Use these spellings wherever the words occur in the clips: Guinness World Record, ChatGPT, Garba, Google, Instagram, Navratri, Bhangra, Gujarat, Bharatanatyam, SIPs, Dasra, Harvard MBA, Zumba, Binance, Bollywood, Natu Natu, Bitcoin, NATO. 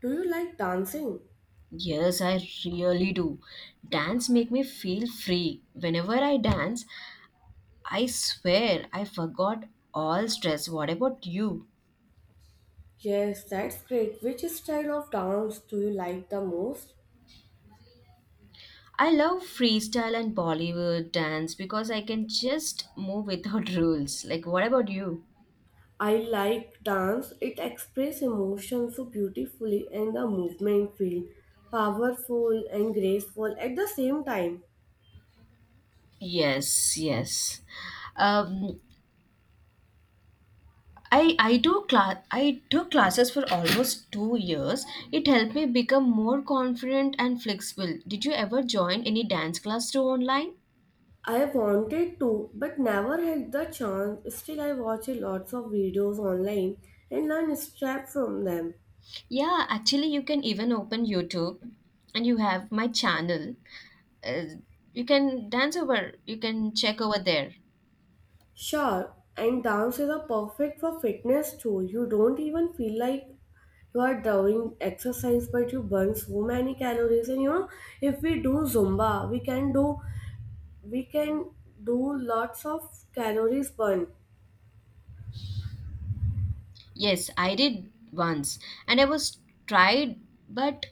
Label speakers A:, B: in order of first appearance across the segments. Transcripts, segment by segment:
A: Do you like dancing?
B: Yes, I really do. Dance make me feel free. Whenever I dance, I swear I forgot all stress. What about you?
A: Yes, that's great. Which style of dance do you like the most?
B: I love freestyle and Bollywood dance because I can just move without rules. Like, what about you?
A: I like dance. It expresses emotion so beautifully and the movement feel powerful and graceful at the same time.
B: Yes, yes. Um, I took classes for almost 2 years. It helped me become more confident and flexible. Did you ever join any dance class through online?
A: I wanted to but never had the chance. Still I watch lots of videos online and learn steps from them.
B: Yeah, actually, you can even open YouTube and you have my channel. Uh, you can dance you can check over there.
A: Sure, and dances are perfect for fitness too. You don't even feel like you are doing exercise, but you burn so many calories. And you know, if we do Zumba, we can do lots of calories burn.
B: Yes, I did once and I was tried, but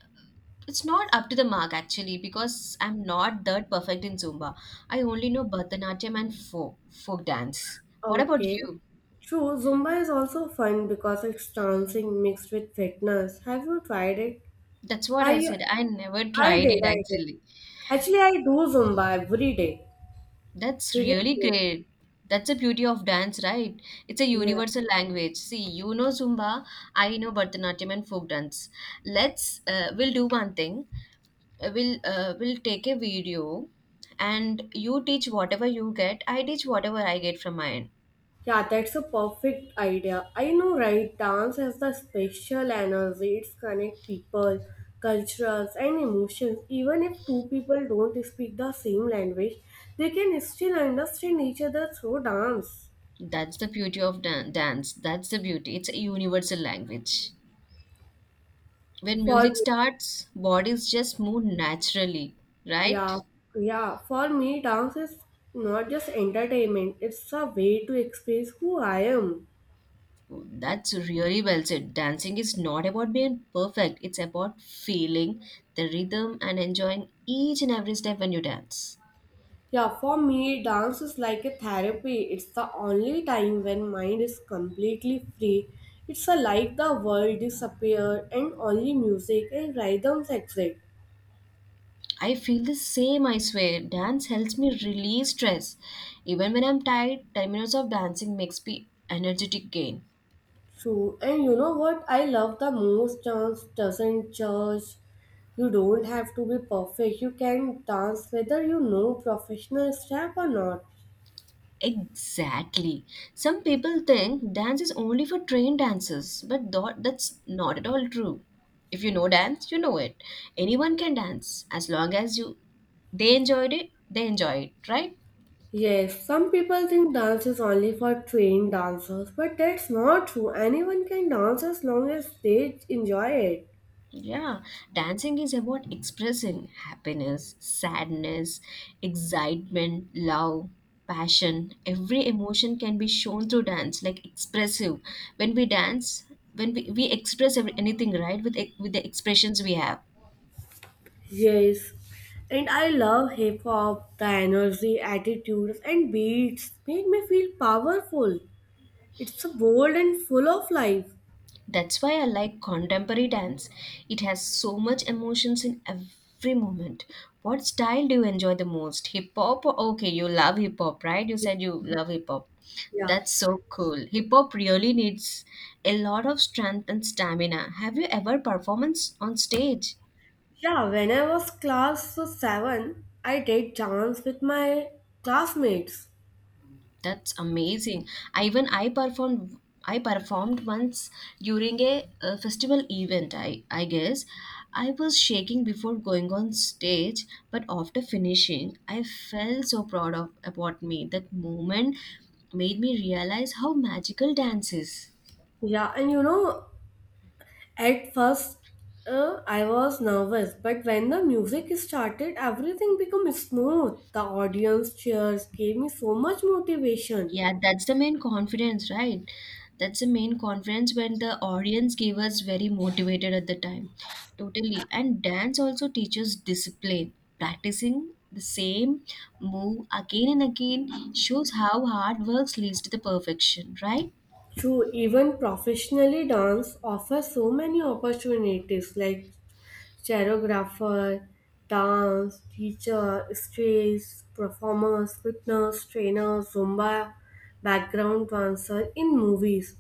B: it's not up to the mark actually because I'm not that perfect in Zumba. I only know Bharatanatyam and folk dance. What about
A: Okay.
B: you?
A: True, Zumba is also fun because it's dancing mixed with fitness. Have you tried it?
B: That's what I
A: I
B: said. I never
A: I
B: tried it
A: did, I did.
B: actually.
A: Actually, I do Zumba every day.
B: That's really
A: Seriously.
B: great. That's the beauty of dance, right? It's a
A: Yeah.
B: universal language. See, you know Zumba, I know Bharatanatyam and folk dance. Let's we'll do one thing. We'll take a video, and you teach whatever you get. I teach whatever I get from mine.
A: Yeah, that's a perfect idea. I know, right? Dance has the special energy. It's connect people, cultures, and emotions. Even if two people don't speak the same language, they can still understand each other through dance.
B: That's the beauty of dance. That's the beauty. It's a universal language. When
A: For
B: music
A: me,
B: starts, bodies just move naturally, right?
A: yeah, yeah. For me, dance is not just entertainment. It's a way to express who I am.
B: That's really well said. Dancing is not about being perfect, it's about feeling the rhythm and enjoying each and every step when you dance.
A: Yeah, for me, dance is like a therapy. It's the only time when mind is completely free. It's a, like the world disappeared and only music and rhythms exist.
B: I feel the same, I swear. Dance helps me release stress. Even when I'm tired, 10 minutes of dancing makes me energetic again.
A: True. And you know what I love the most? Dance doesn't judge. You don't have to be perfect. You can dance whether you know professional step or not.
B: Exactly. Some people think dance is only for trained dancers, but that's not at all true. If you know dance, you know it. Anyone can dance as long as you they they enjoy it, right?
A: Yes, some people think dance is only for trained dancers, but that's not true. Anyone can dance as long as they enjoy it.
B: Yeah, dancing is about expressing happiness, sadness, excitement, love, passion. Every emotion can be shown through dance, like expressive. When we dance, when we express anything, right, with the expressions we have.
A: Yes, and I love hip hop. The energy, attitudes, and beats make me feel powerful. It's bold and full of life.
B: That's why I like contemporary dance. It has so much emotions in every moment. What style do you enjoy the most? Hip hop? Okay, you love hip hop, right? You said you love hip hop.
A: Yeah,
B: That's so cool. Hip hop really needs a lot of strength and stamina. Have you ever performed on stage?
A: yeah. When I was class seven, I did dance with my classmates.
B: That's amazing. I even I performed I performed once during a festival event. I guess I was shaking before going on stage, but after finishing, I felt so proud of about me. That moment made me realize how magical dance is.
A: Yeah, and you know, at first I was nervous, but when the music started, everything became smooth. The audience cheers gave me so much motivation.
B: Yeah, that's the main confidence, right? That's the main confidence when the audience gave us very motivated at the time. Totally. And dance also teaches discipline. Practicing the same move again and again shows how hard work leads to the perfection, right?
A: True, even professionally, dance offers so many opportunities like choreographer, dance, teacher, stage, performers, fitness, trainer, Zumba, background dancer in movies.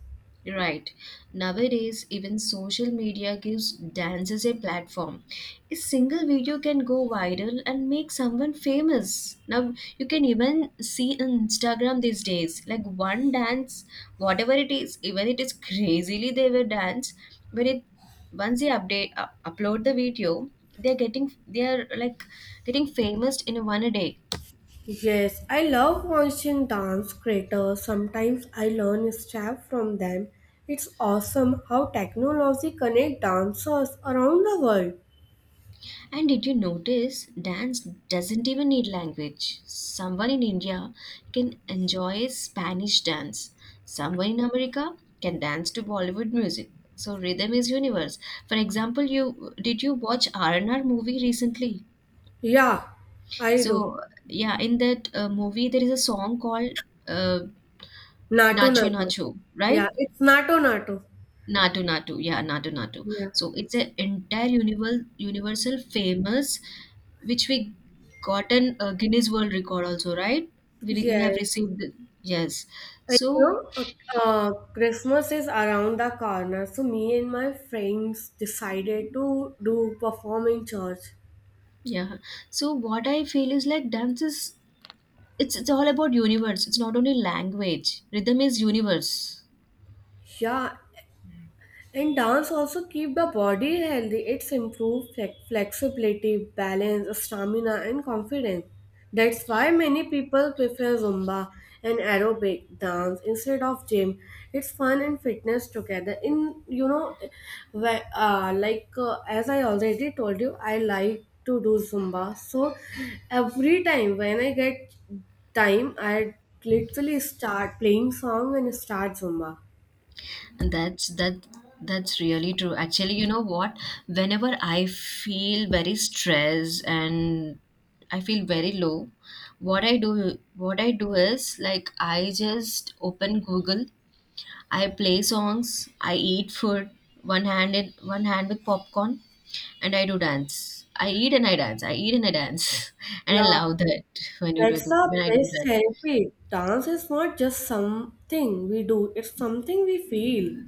B: Right. Nowadays, even social media gives dances a platform. A single video can go viral and make someone famous. Now, you can even see on Instagram these days, like one dance, whatever it is, even it is crazily they will dance, but it once they upload the video, they are like getting famous in one a day.
A: Yes, I love watching dance creators. Sometimes I learn stuff from them. It's awesome how technology connects dancers around the world.
B: And did you notice dance doesn't even need language? Someone in India can enjoy Spanish dance. Someone in America can dance to Bollywood music. So rhythm is universe. For example, you watch R&R movie recently?
A: Yeah, I do.
B: So yeah, in that movie there is a song called uh,
A: Nato
B: Nacho
A: Nato.
B: Nacho, right?
A: Yeah, it's Nato Nato.
B: Natu Natu, yeah, Natu Natu.
A: Yeah.
B: So it's an entire universal famous which we gotten a Guinness World Record also, right? We have
A: Yes.
B: received yes.
A: And,
B: So
A: you know, Christmas is around the corner, so me and my friends decided to do perform in church.
B: yeah. So what I feel is like dance is it's all about universe. It's not only language. Rhythm is universe.
A: Yeah, and dance also keep the body healthy. It's improve flexibility, balance, stamina, and confidence. That's why many people prefer Zumba and aerobic dance instead of gym. It's fun and fitness together. In you know, like as I already told you, I like to do Zumba. So every time when I get time, I literally start playing song and start Zumba.
B: And that's really true. Actually, you know what? Whenever I feel very stressed and I feel very low, what I do is like I just open Google. I play songs, I eat food, one hand with popcorn, and I do dance. I eat and I dance. I eat and I dance, and I
A: Yeah,
B: love that when you do,
A: that's
B: do
A: the
B: when I do
A: best
B: that.
A: therapy. Dance is not just something we do, it's something we feel.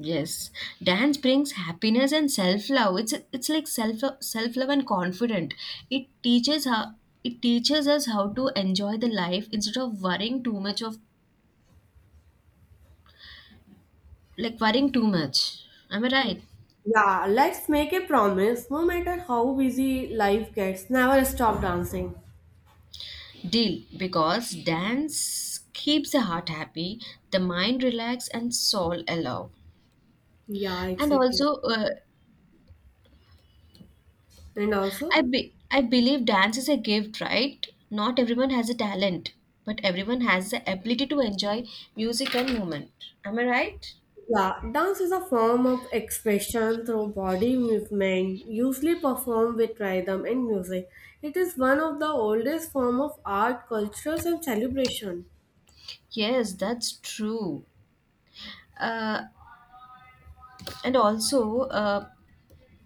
B: Yes, dance brings happiness and self love. It's like self love and confident. It teaches how it teaches us how to enjoy the life instead of worrying too much of like worrying too much. Am I right?
A: Yeah, let's make a promise. No matter how busy life gets, never stop dancing.
B: Deal, because dance keeps the heart happy, the mind relaxed, and soul alive.
A: Yeah,
B: And
A: exactly.
B: also,
A: And also,
B: I believe dance is a gift, right? Not everyone has a talent, but everyone has the ability to enjoy music and movement. Am I right?
A: yeah, dance is a form of expression through body movement, usually performed with rhythm and music. It is one of the oldest form of art, cultures, and celebration.
B: Yes, that's true. Uh, and also, uh,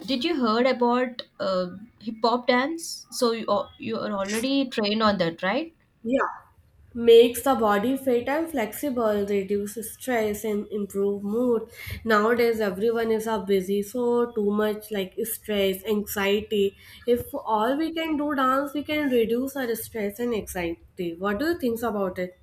B: did you heard about hip hop dance? So you are already trained on that, right?
A: Yeah. Makes the body fit and flexible, reduces stress and improve mood. Nowadays everyone is a busy, so too much like stress, anxiety. If all we can do dance, we can reduce our stress and anxiety. What do you think about it?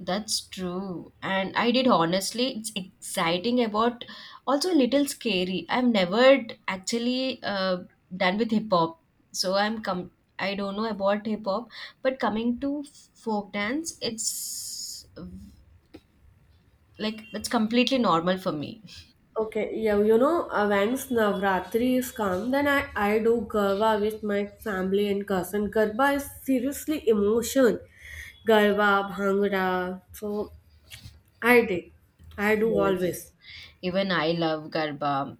B: That's true. And I did honestly, it's exciting about also a little scary. I've never d- actually done with hip hop. So I'm com I don't know about hip hop, but coming to folk dance, it's like that's completely normal for me.
A: Okay, yeah, you know, once Navratri is come, then I do Garba with my family and cousin. Garba is seriously emotion. Garba, Bhangra. So I did. I do
B: Yes.
A: always.
B: Even I love Garba.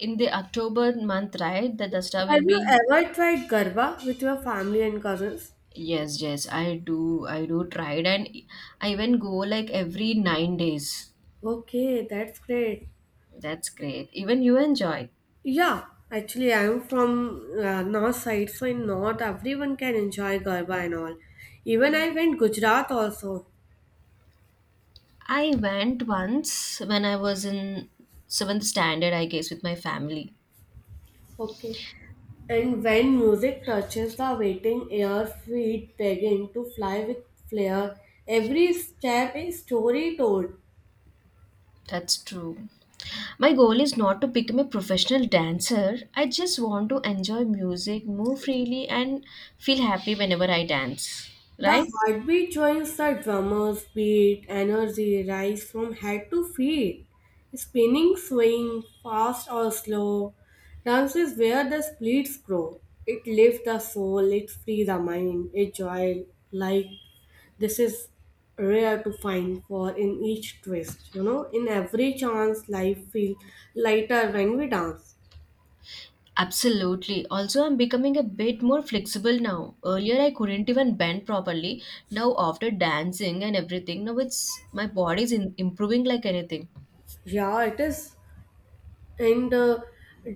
B: In the October month, right? The Dasra
A: Have
B: will
A: you
B: be
A: ever tried Garba with your family and cousins?
B: yes, yes, I do try it and I even go like every 9 days.
A: Okay, that's great.
B: That's great. Even you enjoyed.
A: Yeah, actually, I'm from north side, so in north, everyone can enjoy Garba and all. Even I went Gujarat also.
B: I went once when I was in seventh standard, I guess, with my family.
A: Okay. And when music touches the waiting air, feet begging to fly with flair. Every step a story told.
B: That's true. My goal is not to become a professional dancer. I just want to enjoy music, move freely, and feel happy whenever I dance.
A: The
B: Right?
A: heartbeat joins the drummer's beat, energy rises from head to feet. Spinning swing, fast or slow, dance is where the splits grow. It lifts the soul, it frees the mind, a joy like this is rare to find for in each twist. You know, in every chance, life feels lighter when we dance.
B: Absolutely. Also, I'm becoming a bit more flexible now. Earlier, I couldn't even bend properly. Now, after dancing and everything, now it's my improving like anything.
A: Yeah, it is. And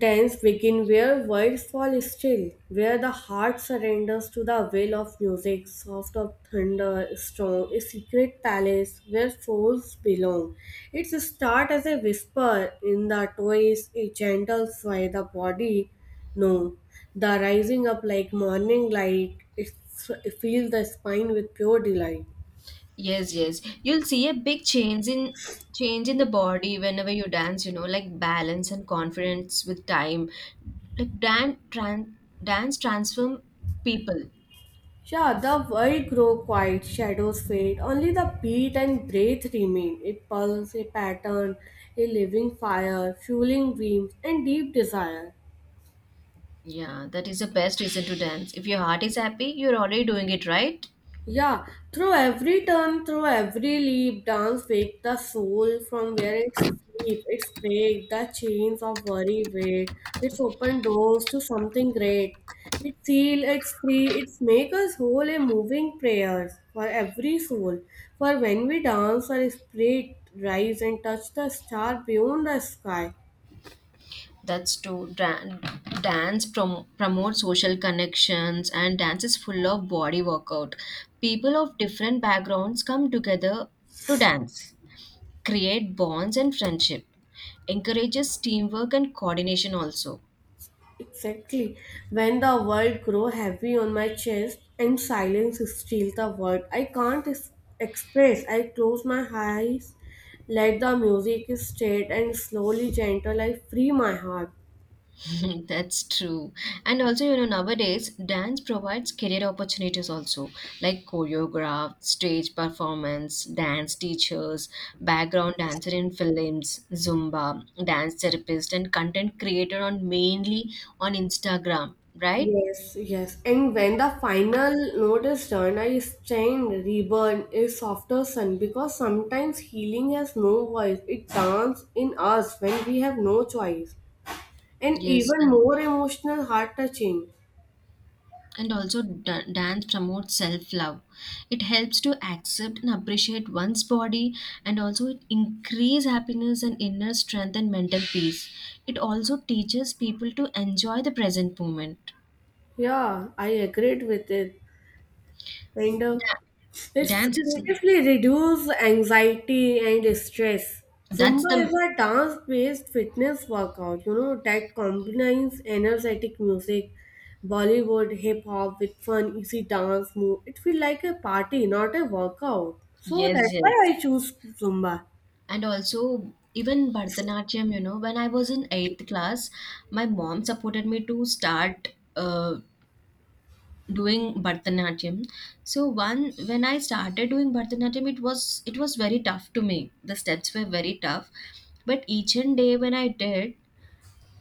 A: Dance begin where words fall still, where the heart surrenders to the will of music, soft of thunder, strong, a secret palace where souls belong. It starts as a whisper in the toys, a gentle sway the body. No, the rising up like morning light, fills the spine with pure delight.
B: Yes, yes. You'll see a big change in the body whenever you dance, you know, like balance and confidence with time. Like dance transform people.
A: Yeah, the world grow quiet, shadows fade, only the beat and breath remain. A pulse, a pattern, a living fire, fueling dreams and deep desire.
B: Yeah, that is the best reason to dance. If your heart is happy, you're already doing it right.
A: Yeah, through every turn, through every leap, dance wake the soul from where it sleep. It's break the chains of worry weight. It's open doors to something great. It seal, it's free, it's make us whole a moving prayers for every soul. For when we dance, our spirit rise and touch the star beyond the sky.
B: That's true. Dan dance prom promote social connections and dance is full of body workout. People of different backgrounds come together to dance, create bonds and friendship, encourages teamwork and coordination also.
A: Exactly. When the world grow heavy on my chest and silence steal the world, I can't es- express. I close my eyes, let the music state and slowly gentle I free my heart.
B: That's true, and also you know nowadays dance provides career opportunities also, like choreograph, stage performance, dance teachers, background dancer in films, zumba, dance therapist, and content creator on mainly on instagram, right?
A: Yes, yes. And when the final note is done, I stand reborn a softer sun because sometimes healing has no voice. It dance in us when we have no choice. And
B: Yes,
A: even more emotional, heart touching.
B: and also dance promotes self love. It helps to accept and appreciate one's body, and also it increase happiness and inner strength and mental peace. It also teaches people to enjoy the present moment.
A: Yeah, I agreed with it. And
B: Da-
A: It's
B: dance is
A: seriously reduce anxiety and stress.
B: that's
A: Zumba
B: the
A: is a dance-based fitness workout, you know, that combines energetic music, Bollywood, hip-hop with fun, easy dance move. It feels like a party, not a workout. So
B: yes,
A: that's why
B: yes,
A: I choose Zumba.
B: and also even Bharatanatyam, you know, when I was in 8th class, my mom supported me to start doing Bharatanatyam. So one when I started doing Bharatanatyam, it was very tough to me. The steps were very tough, but each and day when I did,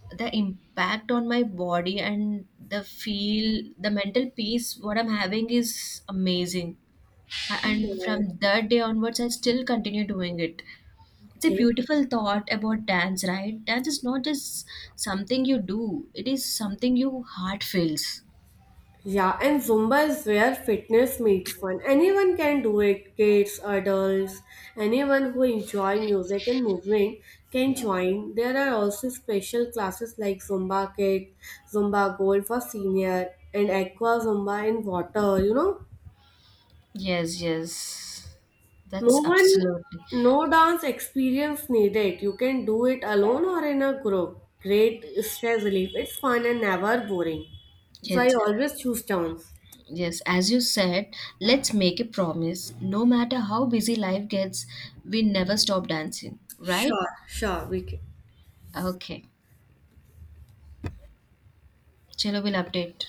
B: the impact on my body and the feel, the mental peace what I'm having is amazing. And
A: Yeah.
B: from that day onwards, I still continue doing it. It's a
A: Okay.
B: beautiful thought about dance, right? Dance is not just something you do; it is something your heart feels.
A: Yeah, and Zumba is where fitness meets fun. Anyone can do it, kids, adults, anyone who enjoy music and movement can join. There are also special classes like Zumba Kid, Zumba Gold for senior, and Aqua Zumba in water, you know?
B: Yes, yes.
A: No
B: That's
A: one,
B: absolutely
A: no dance experience needed. You can do it alone or in a group. Great stress relief. It's fun and never boring. So I
B: yes.
A: always choose dance.
B: Yes, as you said, let's make a promise. No matter how busy life gets, we never stop dancing, right?
A: Sure, sure, we can.
B: Okay. Chalo, we'll update.